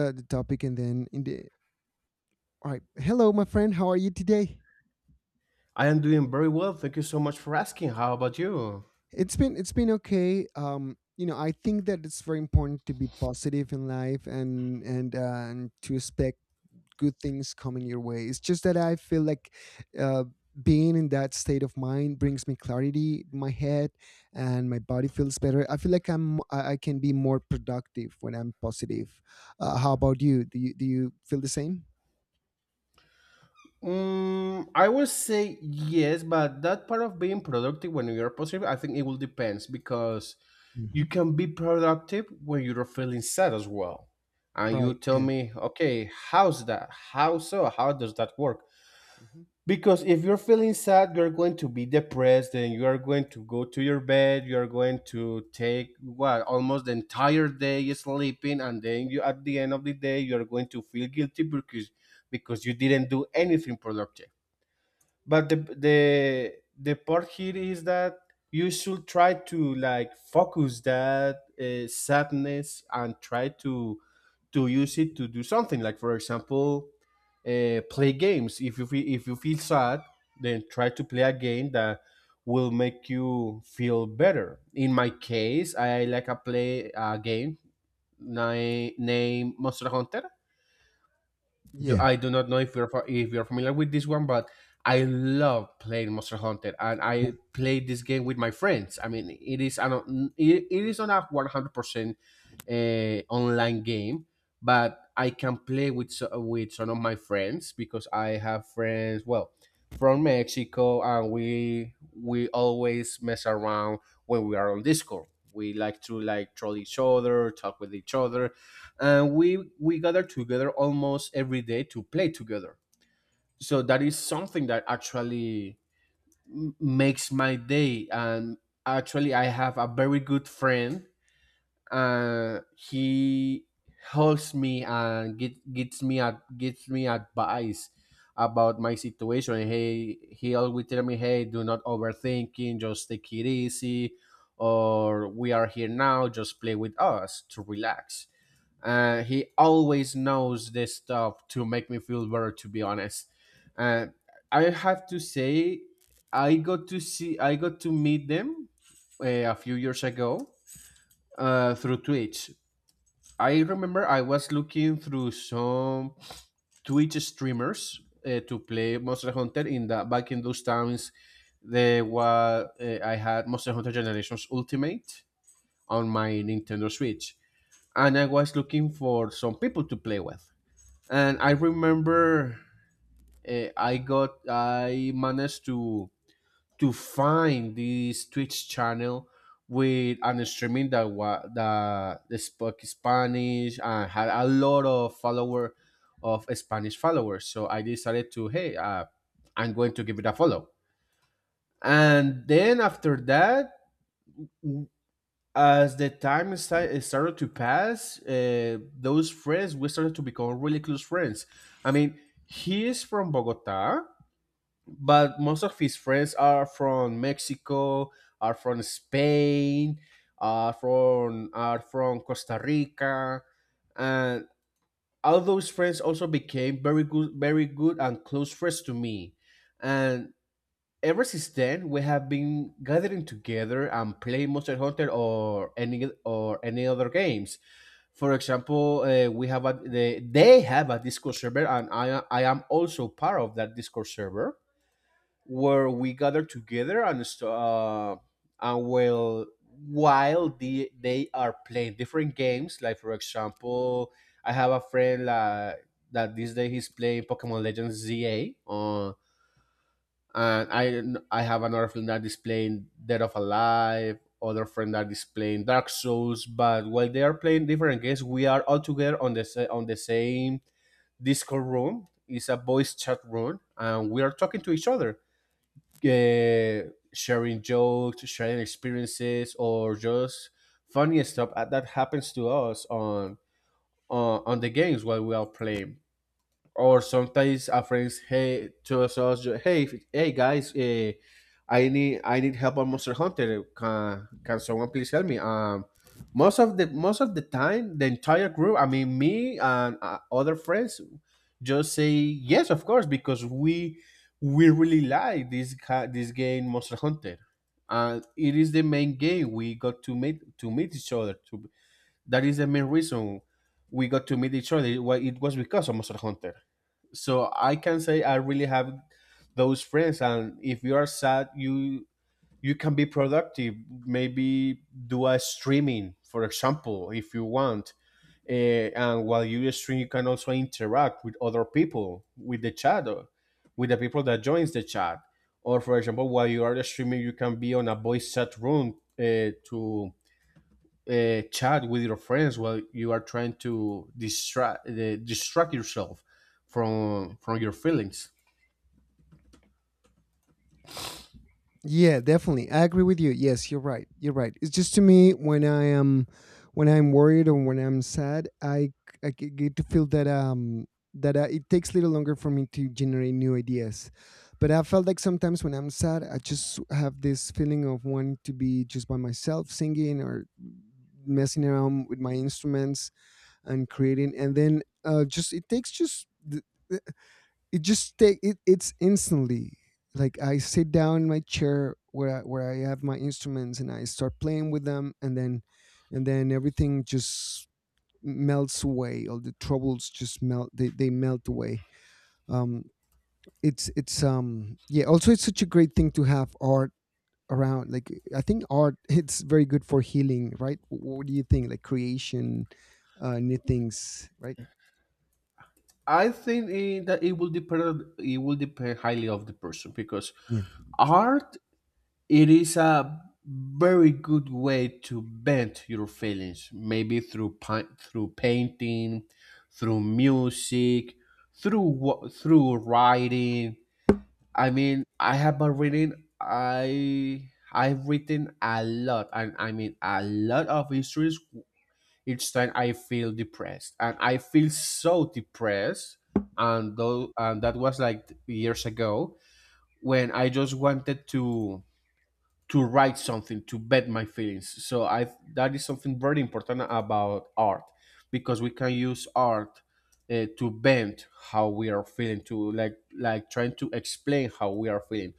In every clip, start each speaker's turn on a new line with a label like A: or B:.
A: The topic and then in the All right, hello my friend, how are you today?
B: I am doing very well. Thank you so much for asking. How about you?
A: It's been okay. You know, I think that it's very important to be positive in life, and to expect good things coming your way. It's just that I feel like uh being in that state of mind brings me clarity in my head, and my body feels better. I feel like I can be more productive when I'm positive. How about you? Do you feel the same?
B: Mm, I would say yes, but that part of being productive when you're positive, I think it will depends because
A: hmm
B: you can be productive when you're feeling sad as well. And you
A: right,
B: tell
A: yeah.
B: me, okay, how's that? How so? How does that work?
A: Mm-hmm.
B: Because if you're feeling sad, you're going to be depressed and you are going to go to your bed. You are going to take what almost the entire day sleeping, and then you at the end of the day you are going to feel guilty because you didn't do anything productive, but the part here is that you should try to like focus that sadness and try to use it to do something, like for example play games. If you feel, if you feel sad, then try to play a game that will make you feel better. In my case, I like a play a game named Monster Hunter.
A: Yeah.
B: I do not know if you're if you're familiar with this one, but I love playing Monster Hunter, and I play this game with my friends. I mean, it is an it, it is not a 100% online game, but I can play with with some of my friends because I have friends. Well. From Mexico, and we always mess around when we are on Discord. We like to like troll each other, talk with each other, and we gather together almost every day to play together. So that is something that actually makes my day. And actually I have a very good friend. He helps me and get, gets me at gives me advice about my situation. Hey, he always tell me, hey, do not overthinking, just take it easy, or we are here now, just play with us to relax. He always knows this stuff to make me feel better. To be honest, uh, I have to say, I got to see, I got to meet them a few years ago through Twitch. I remember I was looking through some Twitch streamers to play Monster Hunter in the back in those times. There was I had Monster Hunter Generations Ultimate on my Nintendo Switch, and I was looking for some people to play with. And I remember I got I managed to find this Twitch channel with an streaming that that spoke Spanish and had a lot of follower of Spanish followers. So I decided to hey, I'm going to give it a follow. And then after that, as the time started to pass, those friends we started to become really close friends. I mean, he is from Bogota, but most of his friends are from Mexico, are from Spain, are from Costa Rica, and all those friends also became very good, very good and close friends to me. And ever since then, we have been gathering together and playing Monster Hunter or any other games. For example, we have a, they have a Discord server, and I am also part of that Discord server where we gather together and and well while the, they are playing different games, like for example I have a friend that this day he's playing Pokemon Legends ZA and I have another friend that is playing Dead of Alive, other friend that is playing Dark Souls. But while they are playing different games, we are all together on the on the same Discord room. It's a voice chat room and we are talking to each other, sharing jokes, sharing experiences, or just funny stuff that happens to us on on the games while we are playing. Or sometimes a friend hey tells us, hey hey guys, I need I need help on Monster Hunter. Can someone please help me? Um, most of the time the entire group, I mean me and other friends, just say yes of course, because we really like this this game Monster Hunter. And it is the main game we got to meet each other to that is the main reason we got to meet each other. It it was because of Monster Hunter. So I can say I really have those friends, and if you are sad, you can be productive. Maybe do a streaming, for example, if you want. Eh, and while you stream, you can also interact with other people, with the chat, or with the people that joins the chat. Or for example, while you are streaming, you can be on a voice chat room to chat with your friends while you are trying to distract distract yourself from your feelings.
A: Yeah, definitely. I agree with you. Yes, you're right. You're right. It's just, to me, when I am, when I'm worried or when I'm sad, I c- I g- get to feel that, it takes a little longer for me to generate new ideas. But I felt like sometimes when I'm sad, I just have this feeling of wanting to be just by myself, singing or messing around with my instruments and creating. And then, just it takes just it just take it, it's instantly, like I sit down in my chair where where I have my instruments, and I start playing with them, and then, and then, everything just melts away. All the troubles just melt, they melt away. Um it's Yeah, also, it's such a great thing to have art around. Like, I think art it's very good for healing, right? What do you think? Like creation, new things, right?
B: I think eh, that it will depend. It will depend highly of the person because art it is a very good way to vent your feelings. Maybe through through painting, through music, through through writing. I mean, I have been reading. I've written a lot, and I mean a lot of histories. Each time I feel depressed, and I feel so depressed, and though and that was like years ago when I just wanted to write something to bed my feelings. So I that is something very important about art, because we can use art to bend how we are feeling to like trying to explain how we are feeling.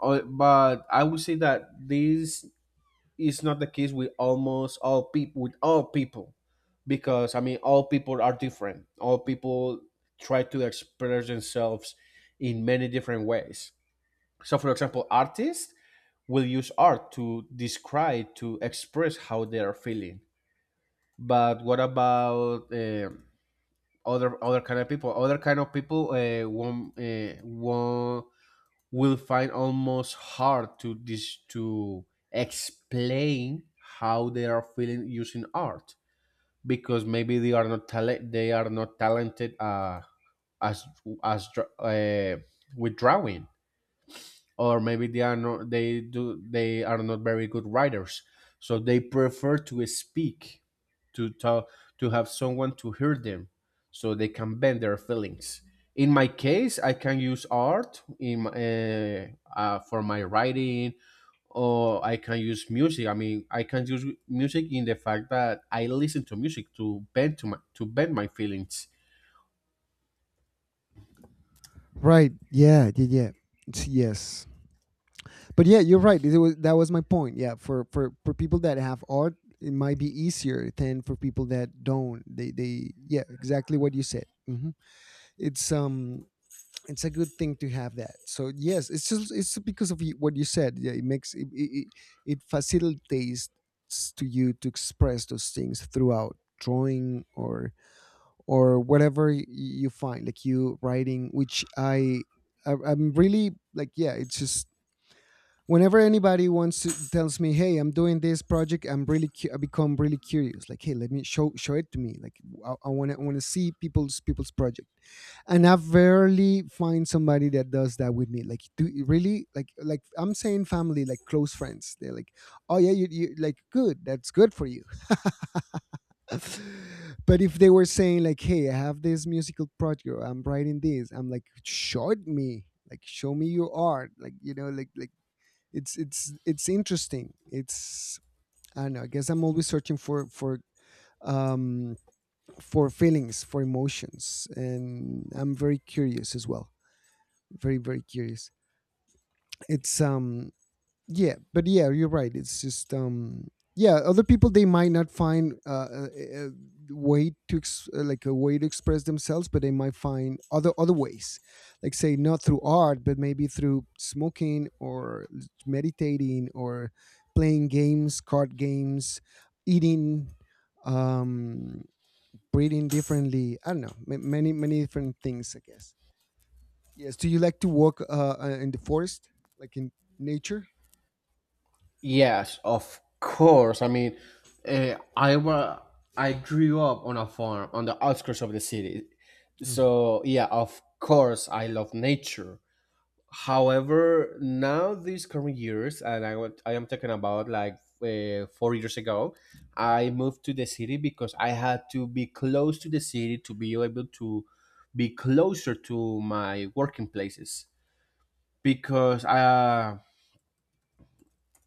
B: But I would say that this is not the case with almost all people, with all people, because I mean all people are different. All people try to express themselves in many different ways. So for example, artists will use art to describe to express how they are feeling. But what about other other kind of people? Other kind of people won't will find almost hard to to explain how they are feeling using art because maybe they are not talent, they are not talented as as with drawing. Or maybe they are not they do they are not very good writers, so they prefer to speak, to talk, to have someone to hear them, so they can bend their feelings. In my case, I can use art in for my writing, or I can use music. I mean, I can use music in the fact that I listen to music to bend to my to bend my feelings.
A: Right. Yeah. Yeah. Yeah. It's— Yes. But yeah, you're right. That was my point. Yeah. For people that have art, it might be easier than for people that don't. They Yeah. Exactly what you said. It's um it's a good thing to have that. So yes, it's just, it's because of what you said. Yeah, it makes it, it facilitates to you to express those things throughout drawing or whatever you find, like you writing, which I'm really like, yeah. It's just whenever anybody wants to tells me, hey, I'm doing this project, I'm really I become really curious, like, hey, let me show it to me, like I want to see people's project, and I rarely find somebody that does that with me. Like, do really like I'm saying, family, like close friends, they're like, oh yeah, you like, good, that's good for you. But if they were saying, like, hey, I have this musical project or I'm writing this, I'm like, show it me, like show me your art, like, like, it's interesting. It's, I don't know. I guess I'm always searching um for feelings, for emotions, and I'm very curious as well. Very, very curious. It's yeah. But yeah, you're right. It's just yeah, other people, they might not find a way to like a way to express themselves, but they might find other ways, like, say not through art, but maybe through smoking, or meditating, or playing games, card games, eating, um breathing differently. I don't know, many, many different things, I guess. Yes, do you like to walk in the forest, like in nature?
B: Yes, of course. I mean, I I grew up on a farm on the outskirts of the city, so yeah, of course, I love nature. However, now these current years, and I I am talking about like 4 years ago, I moved to the city because I had to be close to the city to be able to be closer to my working places because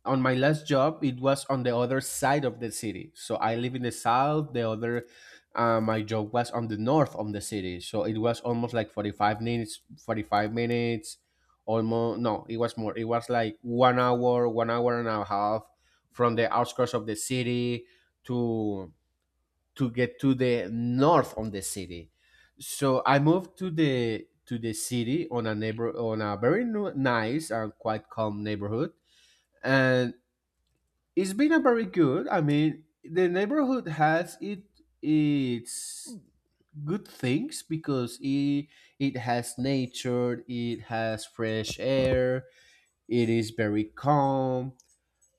B: on my last job it was on the other side of the city, so I live in the south, the other my job was on the north of the city. So it was almost like 45 minutes almost. No, it was more, it was like 1 hour and a half from the outskirts of the city to to get to the north of the city. So I moved to the city on a neighbor on a very nice and quite calm neighborhood. And it's been a very good. I mean, the neighborhood has it its good things because it has nature, it has fresh air, it is very calm.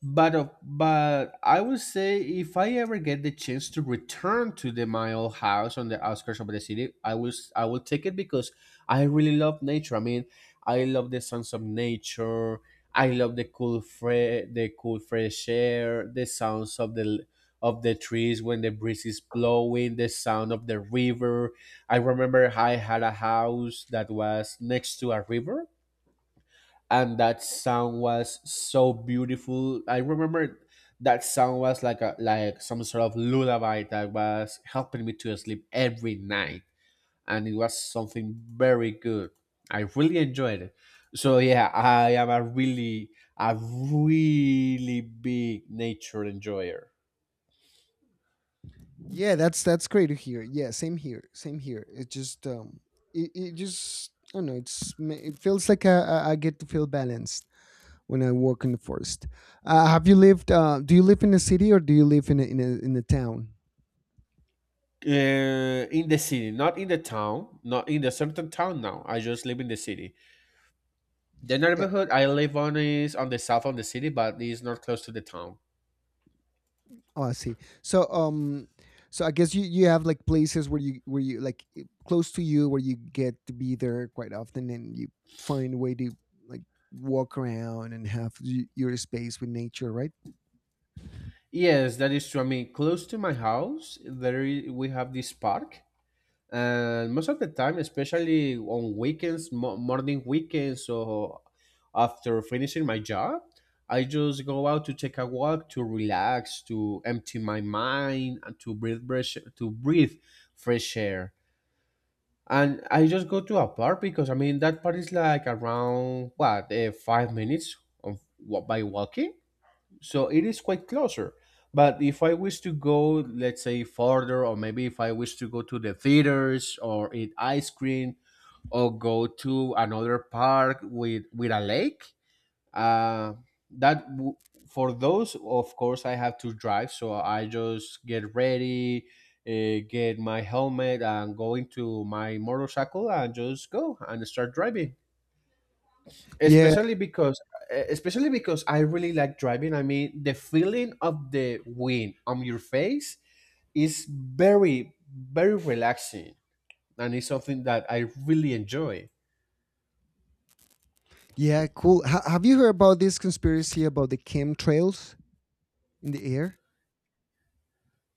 B: But of but I would say if I ever get the chance to return to the my old house on the outskirts of the city, I will I will take it because I really love nature. I mean, I love the sounds of nature. I love the cool the cool fresh air, the sounds of the of the trees when the breeze is blowing, the sound of the river. I remember I had a house that was next to a river and that sound was so beautiful. I remember that sound was like a like some sort of lullaby that was helping me to sleep every night, and it was something very good. I really enjoyed it. So yeah, I am a really big nature enjoyer.
A: Yeah, that's great to hear. Yeah, same here, same here. It just it, it just, I don't know. It's it feels like I get to feel balanced when I walk in the forest. Have you lived? Do you live in a city or do you live in a, in a town?
B: In the city, not in the town, not in the certain town. Now I just live in the city. The
A: Yeah.
B: neighborhood I live on is on the south of the city, but it's not close to the town.
A: Oh, I see. So so I guess you you have like places where you, where you like, close to you, where you get to be there quite often, and you find a way to, like, walk around and have your space with nature, right?
B: Yes, that is true. I mean, close to my house, we have this park, and most of the time, especially on weekends, morning weekends, or after finishing my job, I just go out to take a walk, to relax, to empty my mind, and to breathe fresh, air. And I just go to a park because I mean that park is like around what 5 minutes by walking, so it is quite closer. But if I wish to go, let's say, farther, or maybe if I wish to go to the theaters or eat ice cream or go to another park with a lake, uh, that w- for those, of course, I have to drive. So I just get ready, get my helmet, and go into my motorcycle and just go and start driving,
A: Yeah.
B: especially because especially because I really like driving. I mean, the feeling of the wind on your face is very, very relaxing, and it's something that I really enjoy.
A: Yeah, cool. Have you heard about this conspiracy about the chemtrails in the air?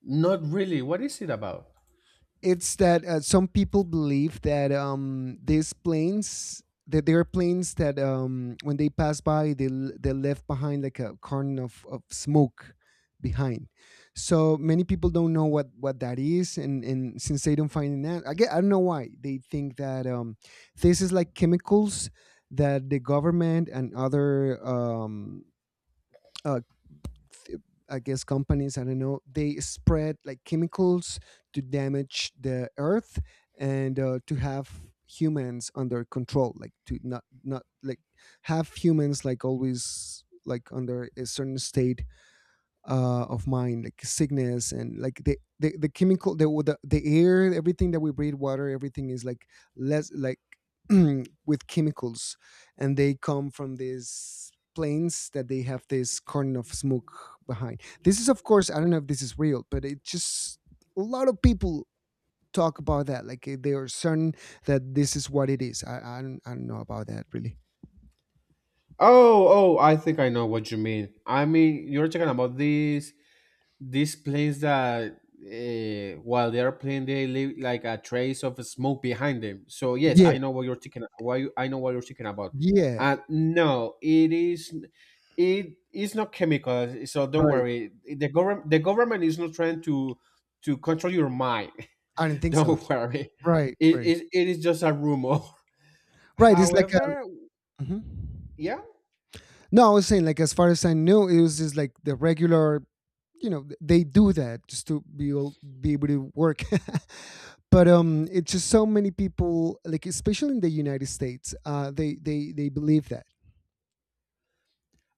B: Not really. What is it about?
A: It's that, some people believe that, these planes, that there are planes that, when they pass by, they they left behind like a curtain of smoke behind. So many people don't know what that is, and since they don't find an answer, I don't know why they think that, this is like chemicals that the government and other, uh, I guess companies, I don't know, they spread like chemicals to damage the earth, and, to have humans under control, like to not, not like, have humans like always like under a certain state, of mine, like sickness, and like the chemical, the air, everything that we breathe, water, everything is like less like with chemicals, and they come from these planes that they have this corner of smoke behind. This is, of course, I don't know if this is real, but it just, a lot of people talk about that. Like, eh, they are certain that this is what it is. I don't know about that really.
B: Oh, oh, I think I know what you mean. I mean, you're talking about this these planes that, while they are playing, they leave like a trace of smoke behind them. So yes,
A: Yeah,
B: I know what you're thinking. Why you- I know what you're thinking about.
A: yeah,
B: And no, it is not chemical. So don't
A: right.
B: worry. The government is not trying to control your mind.
A: I do not think so.
B: Don't worry.
A: Right,
B: It
A: right,
B: is it, it is just a rumor.
A: right. It's like
B: However,
A: a hmm
B: yeah.
A: no, I was saying, like, as far as I knew, it was just like the regular, you know, they do that just to be able to work. But it's just so many people, like, especially in the United States, they believe that.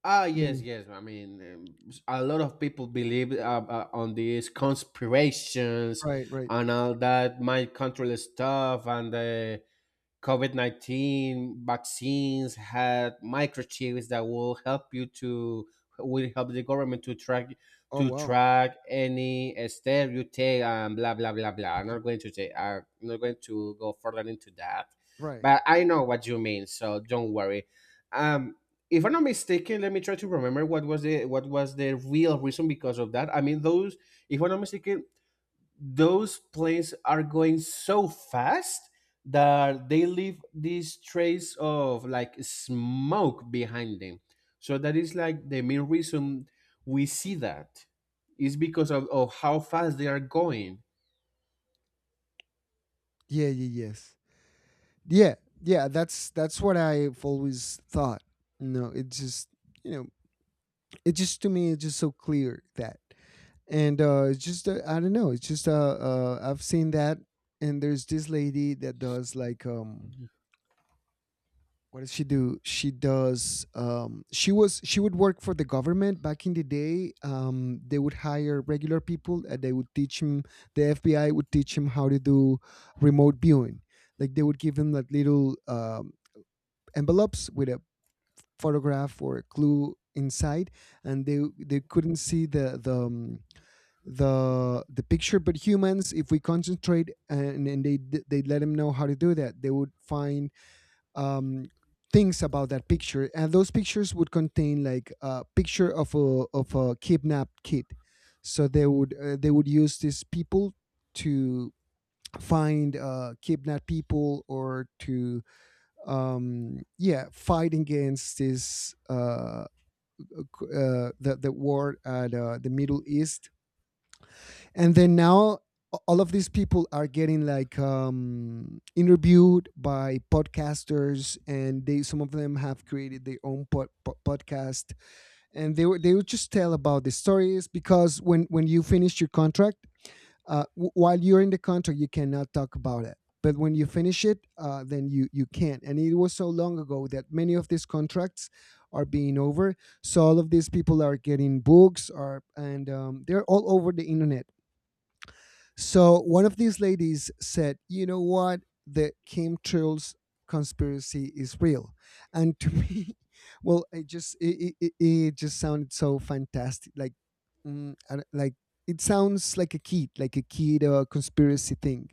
B: Ah, yes,
A: Many.
B: yes. I mean, a lot of people believe on these conspirations
A: Right, right.
B: and all that mind control stuff, and COVID-19 vaccines had microchips that will help the government to track
A: Oh
B: to
A: wow.
B: track any step you take, and blah blah blah blah. I'm not going to take. I'm not going to go further into that,
A: Right.
B: but I know what you mean, so don't worry. Um, if I'm not mistaken, let me try to remember what was the real reason because of that. I mean, those if I'm not mistaken, those planes are going so fast that they leave these trace of like smoke behind them. So that is like the main reason we see that is because of, how fast they are going.
A: Yeah. Yeah. Yes. Yeah. Yeah. That's what I've always thought. No, it just, you know, it just, to me, it's just so clear that. And it's just, I don't know. It's just, I've seen that, and there's this lady that does like, what does she do? She does, she was she would work for the government back in the day. They would hire regular people, and they would teach him. The FBI would teach him how to do remote viewing. Like they would give him like little, envelopes with a photograph or a clue inside, and they couldn't see the the picture. But humans, if we concentrate, and they let them know how to do that, they would find um things about that picture. And those pictures would contain like a picture of a, of a kidnapped kid. So they would, they would use these people to find, uh, kidnapped people, or to, yeah, fight against this, the war at, the Middle East. And then now all of these people are getting like, interviewed by podcasters, and they, some of them have created their own podcast, and they were, they would just tell about the stories. Because when you finish your contract, while you're in the contract, you cannot talk about it, but when you finish it, then you can. And it was so long ago that many of these contracts are being over. So all of these people are getting books, are, and they're all over the internet. So one of these ladies said, "You know what? The Kim Trills conspiracy is real," and to me, well, it just, it just sounded so fantastic. Like, I don't— like, it sounds like a kid, like a kid, conspiracy thing.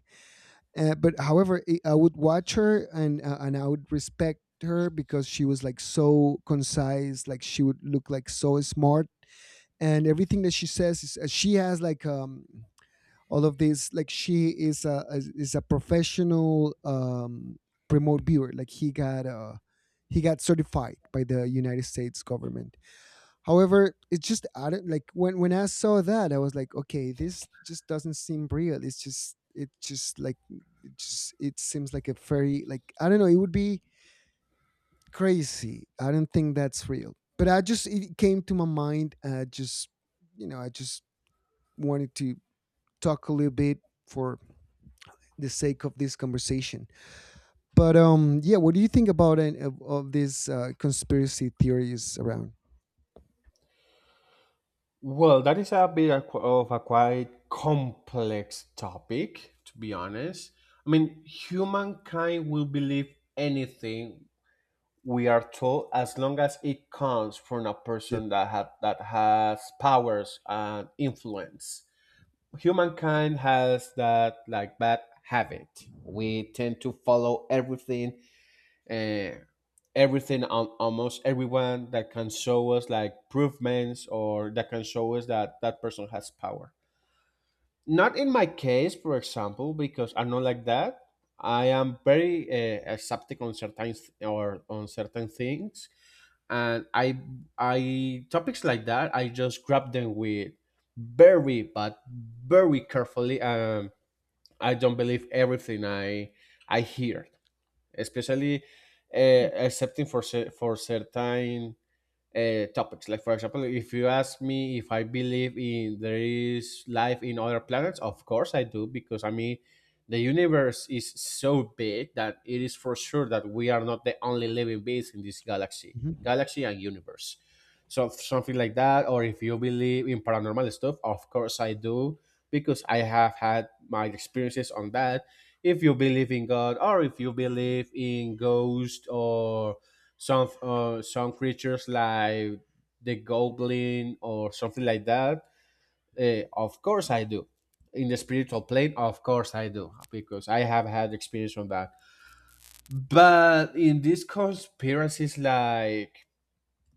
A: But however, I would watch her, and, and I would respect her because she was like so concise, like she would look like so smart, and everything that she says is, she has like, all of this, like, she is a is a professional, remote viewer. Like he got, he got certified by the United States government. However, it's just added. Like, when I saw that, I was like, okay, this just doesn't seem real. It's just, it just like, it just, it seems like a very, like, I don't know, it would be crazy. I don't think that's real. But I just, it came to my mind. I just, you know, I just wanted to talk a little bit for the sake of this conversation. But yeah, what do you think about an, of these, conspiracy theories around?
B: Well, that is a bit of a quite complex topic, to be honest. I mean, humankind will believe anything we are told, as long as it comes from a
A: Yep.
B: person that has powers and influence. Humankind has that like bad habit. We tend to follow everything, uh, everything, on almost everyone that can show us like improvements or that can show us that that person has power. Not in my case, for example, because I'm not like that. I am very, accepting on certain th- or on certain things, and I topics like that. I just grab them with very, but very carefully. I don't believe everything I hear, especially, accepting for for certain, topics. Like, for example, if you ask me if I believe in there is life in other planets, of course I do, because I mean the universe is so big that it is for sure that we are not the only living beings in this galaxy,
A: Mhm.
B: galaxy and universe. So something like that. Or if you believe in paranormal stuff, of course I do, because I have had my experiences on that. If you believe in God, or if you believe in ghosts, or some creatures like the goblin or something like that. Of course I do. In the spiritual plane, of course I do, because I have had experience on that. But in these conspiracies, like,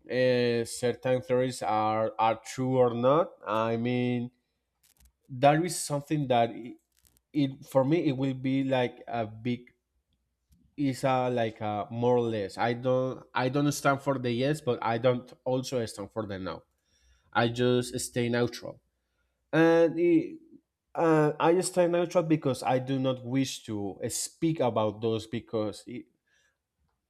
B: certain theories are true or not, I mean, there is something that it for me it will be like a big, is a, like a, more or less. I don't stand for the yes, but I don't also stand for the no. I just stay neutral. And it, I stay neutral because I do not wish to speak about those, because it,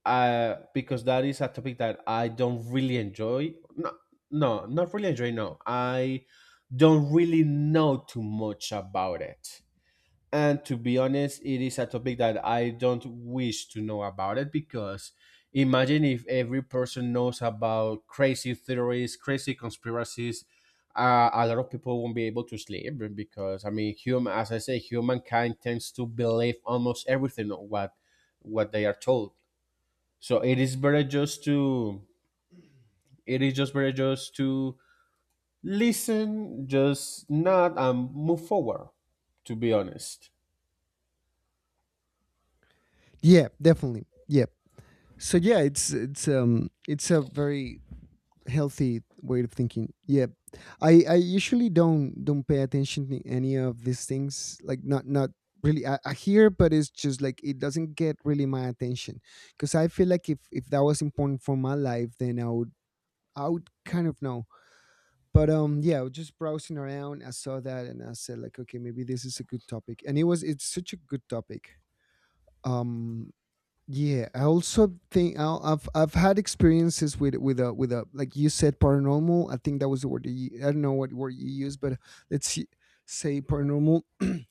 B: uh, because that is a topic that I don't really enjoy. No, no, not really enjoy. No, I don't really know too much about it. And to be honest, it is a topic that I don't wish to know about it, because imagine if every person knows about crazy theories, crazy conspiracies. A lot of people won't be able to sleep, because I mean, human, as I say, humankind tends to believe almost everything of what they are told. So it is better just to it is just better just to listen, just not, and move forward. To be honest.
A: Yeah, definitely. Yep. So yeah, it's a very healthy way of thinking. Yeah, I usually don't pay attention to any of these things. Like, not really. I hear, but it's just like it doesn't get really my attention, because I feel like if that was important for my life, then I would kind of know. But yeah, I was just browsing around, I saw that and I said like, okay, maybe this is a good topic. And it's such a good topic. um yeah, I also think I've had experiences with a, like you said, paranormal. I think that was the word that you. I don't know what word you used, but let's see, say paranormal.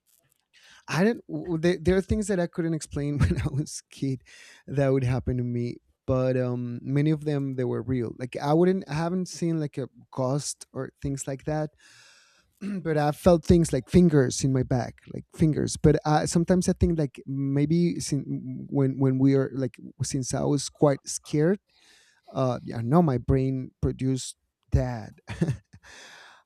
A: I don't w- There are things that I couldn't explain when I was a kid that would happen to me. But many of them, they were real. Like I haven't seen like a ghost or things like that, but I felt things like fingers in my back, like fingers. But sometimes I think like, maybe since when we are, like, since I was quite scared, yeah, no, my brain produced that.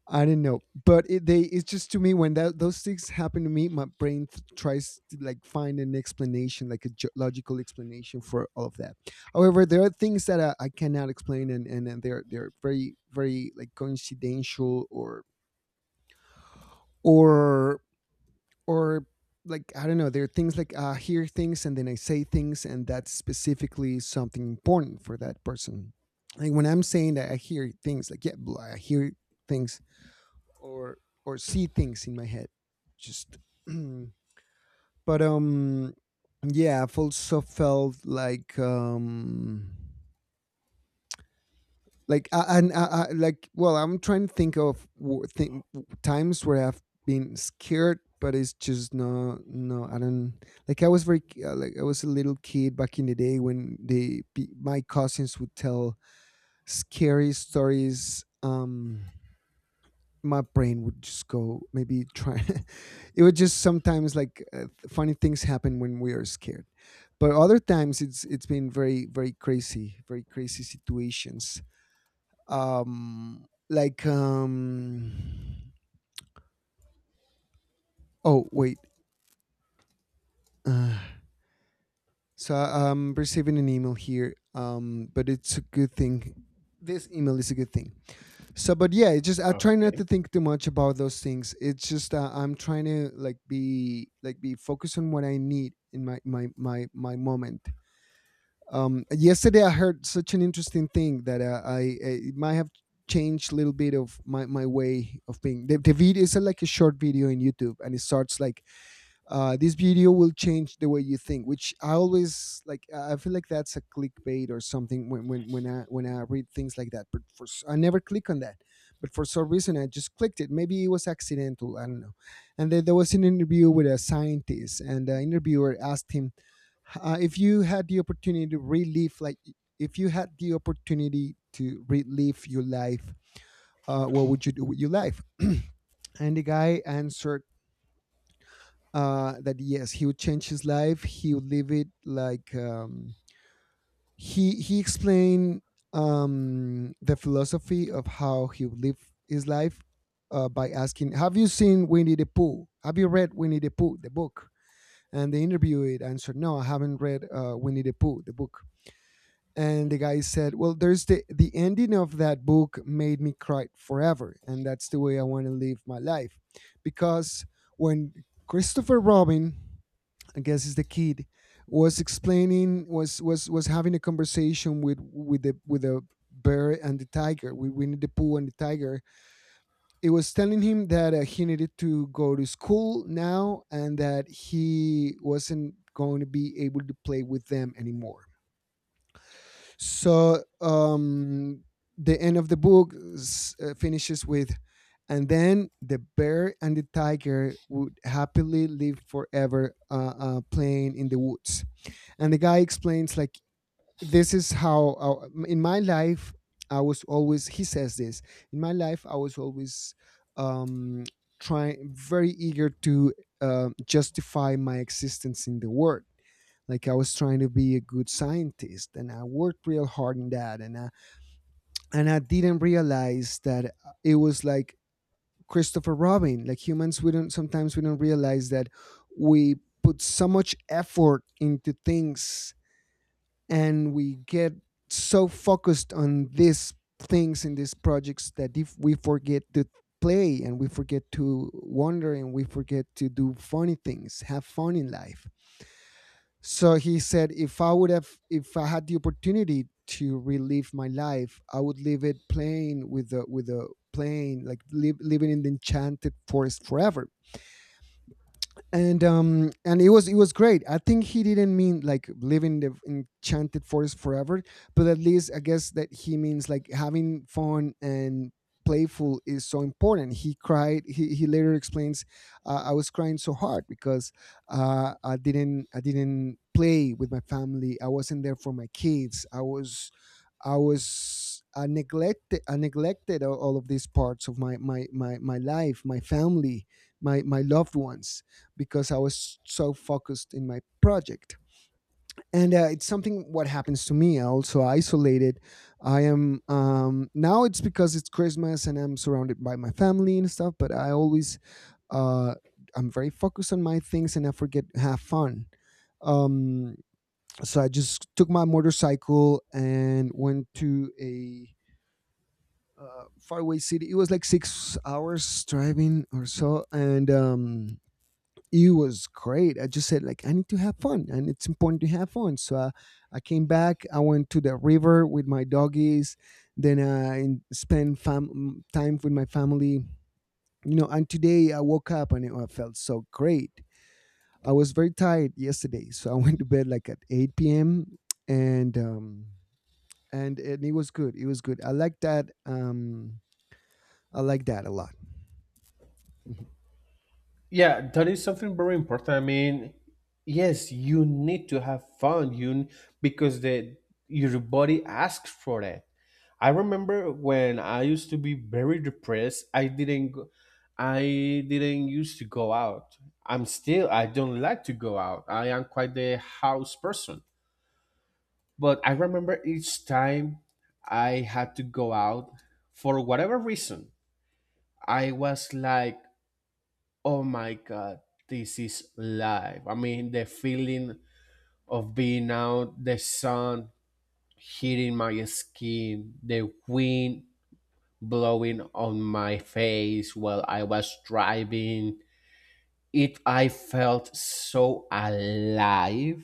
A: I don't know, but it's just, to me, when that those things happen to me, my brain tries to, like, find an explanation, like a logical explanation for all of that. However, there are things that I cannot explain, and they're very, very, like, coincidental, or or or, like, I don't know, there are things like, I hear things and then I say things, and that's specifically something important for that person. Like when I'm saying that I hear things, like, yeah, I hear things, or or see things in my head, just. But yeah, I've also felt like, like I, like, well, I'm trying to think of times where I've been scared, but it's just, no, no, I don't. Like I was very like, I was a little kid back in the day when my cousins would tell scary stories. My brain would just go, maybe try. It would just sometimes, like, funny things happen when we are scared. But other times it's been very, very crazy, very crazy situations. um like um oh, wait. uh, so I'm receiving an email here, but it's a good thing. This email is a good thing. So but yeah, it just I try not to
B: Okay.
A: think too much about those things. It's just, I'm trying to, like, be, focused on what I need in my moment. Yesterday, I heard such an interesting thing that, I, it might have changed a little bit of my way of being. The video is like a short video in YouTube, and it starts like, "This video will change the way you think," which I always, like, I feel like that's a clickbait or something when I read things like that. But I never click on that. But for some reason I just clicked it. Maybe it was accidental, I don't know. And then there was an interview with a scientist, and the interviewer asked him, "If you had the opportunity to relive, like, if you had the opportunity to relive your life, what would you do with your life?" And the guy answered, that yes, he would change his life. He would live it like, he explained, the philosophy of how he would live his life, by asking, "Have you seen Winnie the Pooh? Have you read Winnie the Pooh, the book?" And the interviewee answered, "No, I haven't read, Winnie the Pooh, the book." And the guy said, "Well, the ending of that book made me cry forever, and that's the way I want to live my life, because when Christopher Robin, I guess it's the kid, was having a conversation with the bear and the tiger, with Winnie the Pooh and the tiger. It was telling him that, he needed to go to school now, and that he wasn't going to be able to play with them anymore. So the end of the book finishes with. And then the bear and the tiger would happily live forever, playing in the woods." And the guy explains, like, this is how, in my life I was always. He says this, in my life I was always, um trying, very eager to, justify my existence in the world. Like, I was trying to be a good scientist, and I worked real hard in that, and I didn't realize that, it was like Christopher Robin, like humans, we don't, sometimes we don't realize that we put so much effort into things, and we get so focused on these things, in these projects, that if we forget to play, and we forget to wander, and we forget to do funny things, have fun in life. So he said, if I had the opportunity to relive my life, I would live it playing with the plane, like, living in the enchanted forest forever. And it was great. I think he didn't mean like living the enchanted forest forever, but at least I guess that he means like having fun. And playful is so important. He cried, he later explains, I was crying so hard because, I didn't play with my family, I wasn't there for my kids, I neglected all of these parts of my life, my family, my loved ones, because I was so focused in my project. And, it's something what happens to me. I also isolated. I am Now it's because it's Christmas and I'm surrounded by my family and stuff. But I always, uh, I'm very focused on my things, and I forget have fun. Um, so I just took my motorcycle and went to a, faraway city. It was like 6 hours driving or so, and, it was great. I just said like, I need to have fun, and it's important to have fun. So, I came back. I went to the river with my doggies. Then I spent time with my family. You know, and today I woke up and I felt so great. I was very tired yesterday, so I went to bed like at 8 p.m. and um, and it was good. It was good. I like that. I like that a lot.
B: Yeah, that is something very important. I mean, yes, you need to have fun, because the your body asks for it. I remember when I used to be very depressed, I didn't used to go out. I don't like to go out. I am quite the house person. But I remember each time I had to go out for whatever reason, I was like, oh my god, this is live. I mean, the feeling of being out, the sun hitting my skin, the wind blowing on my face while I was driving, it, I felt so alive.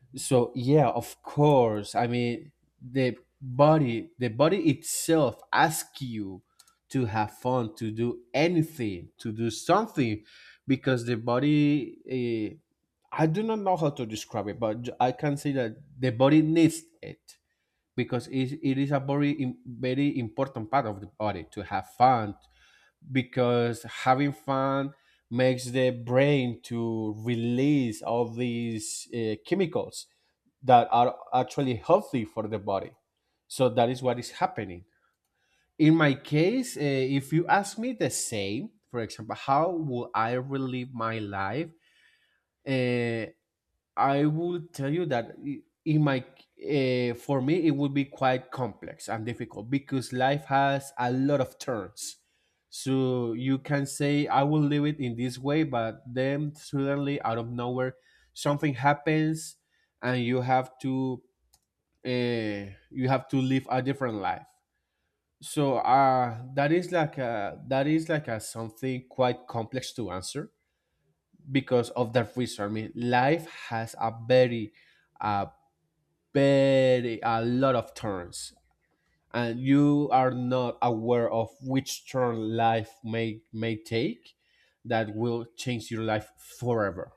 A: Mhm.
B: So yeah, of course, I mean, the body itself asks you to have fun, to do anything, to do something, because the body, I do not know how to describe it, but I can say that the body needs it, because it is a very very important part of the body to have fun, because having fun makes the brain to release all these chemicals that are actually healthy for the body. So that is what is happening. In my case, if you ask me the same, for example, how will I relive my life? Uh, I will tell you that I- in my for me it would be quite complex and difficult, because life has a lot of turns. So you can say I will live it in this way, but then suddenly out of nowhere something happens, and you have to, you have to live a different life. So, that is like a something quite complex to answer, because of that reason. I mean, life has a a lot of turns, and you are not aware of which turn life may take that will change your life forever.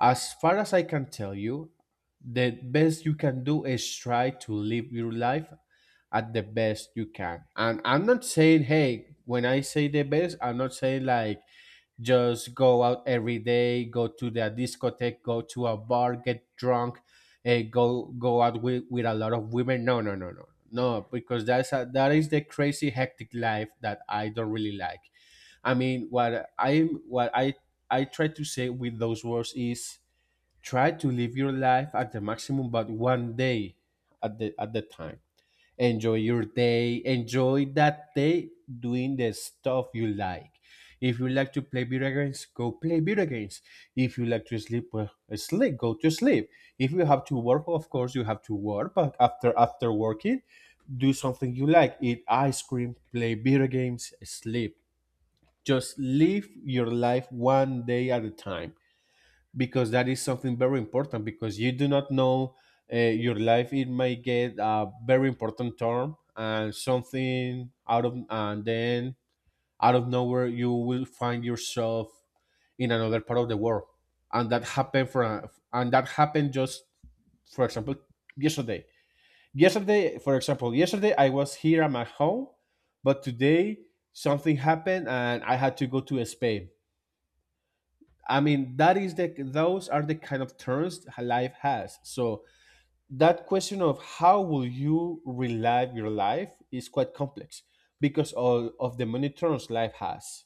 B: As far as I can tell you, the best you can do is try to live your life at the best you can. And I'm not saying, hey, when I say the best, I'm not saying like, just go out every day, go to the discotheque, go to a bar, get drunk, go out with a lot of women. No, no, no, no. No, because that's a, that is the crazy hectic life that I don't really like. I mean, what I try to say with those words is, try to live your life at the maximum, but one day at the time. Enjoy your day, enjoy that day doing the stuff you like. If you like to play video games, go play video games. If you like to sleep, well, sleep, go to sleep. If you have to work, of course you have to work, but after working, do something you like. Eat ice cream, play video games, sleep. Just live your life one day at a time, because that is something very important. Because you do not know, your life, it may get a very important turn, and then, out of nowhere, you will find yourself in another part of the world. And that happened for and that happened just, for example, yesterday yesterday, for example, yesterday I was here at my home, but today something happened and I had to go to Spain. I mean, that is the those are the kind of turns life has. So that question of how will you relive your life is quite complex, because all of the many turns life has.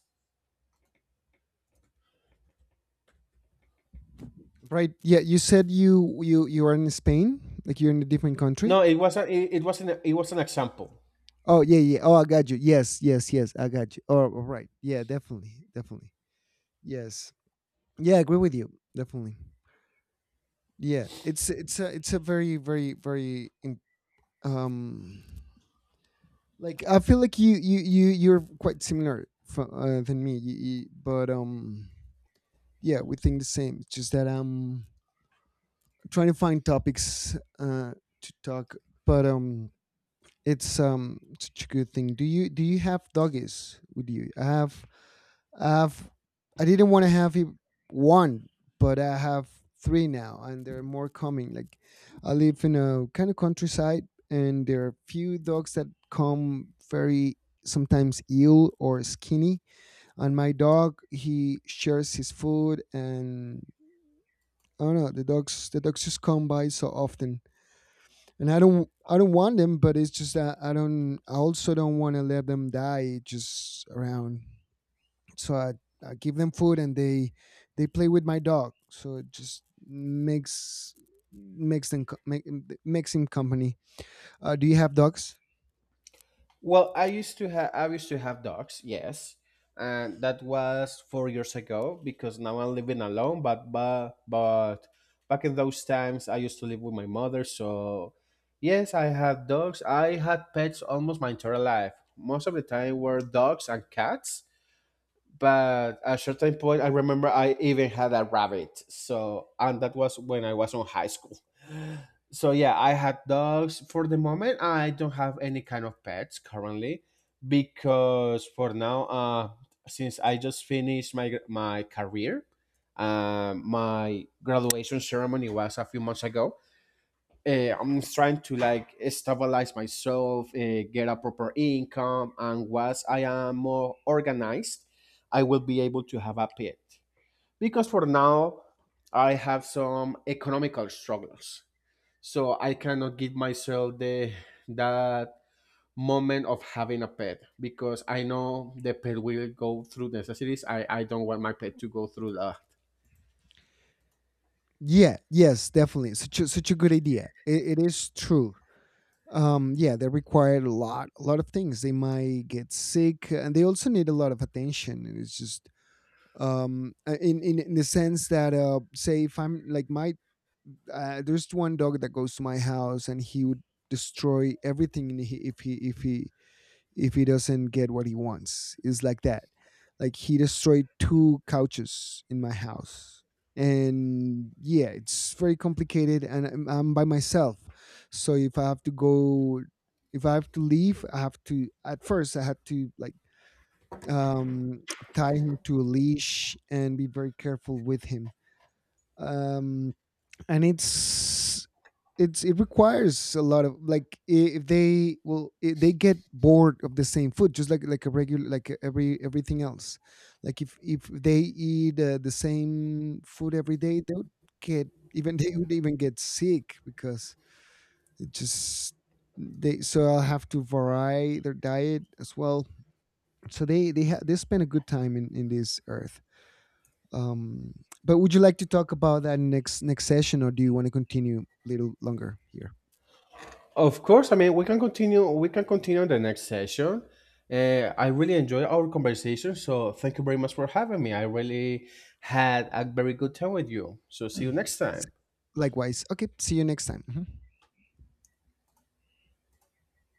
A: Right. Yeah. You said you are in Spain, like you're in a different country.
B: No, it wasn't. It wasn't. It was an example.
A: Oh, yeah, yeah. Oh, I got you. Yes, yes, yes. I got you. Oh, all right. Yeah. Definitely, definitely. Yes. Yeah. I agree with you. Definitely. Yeah. It's a very, very, very um like, I feel like you're quite similar from, than me, but yeah, we think the same. It's just that I'm trying to find topics, to talk, but it's, such a good thing. Do you have doggies with you? I've, I didn't want to have it one, but I have three now, and there are more coming. Like, I live in a kind of countryside, and there are few dogs that come, very sometimes, ill or skinny. And my dog, he shares his food, and I don't know the dogs. The dogs just come by so often, and I don't want them, but it's just that I don't. I also don't want to let them die just around, so I give them food, and they play with my dog, so it just makes them makes him company. Do you have dogs?
B: Well, I used to have dogs, yes, and that was 4 years ago, because now I'm living alone. But back in those times, I used to live with my mother. So yes, I had dogs. I had pets almost my entire life. Most of the time were dogs and cats, but at a certain point I remember I even had a rabbit, so, and that was when I was on high school. So yeah, I had dogs. For the moment I don't have any kind of pets currently, because for now, since I just finished my career. My graduation ceremony was a few months ago. uh, I'm trying to like stabilize myself, get a proper income, and once I am more organized, I will be able to have a pet. Because for now, I have some economical struggles, so I cannot give myself the, that moment of having a pet, because I know the pet will go through necessities. I don't want my pet to go through that.
A: Yeah, yes, definitely, such a good idea. It is true. Yeah, they require a lot of things. They might get sick, and they also need a lot of attention, and it's just, in the sense that, say, if I'm like my there's one dog that goes to my house, and he would destroy everything if he doesn't get what he wants. It's like that. Like, he destroyed two couches in my house, and yeah, it's very complicated, and I'm by myself. So if I have to go if I have to leave, I have to at first I had to, like, um tie him to a leash and be very careful with him. um and it requires a lot of, like, I- if they will I they get bored of the same food, just like a regular, like everything else. Like if they eat, the same food every day, they would get even, they would even get sick, because it just, they, so I'll have to vary their diet as well. So they spend a good time in this earth. um, but would you like to talk about that next session, or do you want to continue a little longer here?
B: Of course, I mean we can continue. We can continue in the next session. I really enjoy our conversation, so thank you very much for having me. I really had a very good time with you. So see you next time.
A: Likewise. Okay. See you next time. Mhm.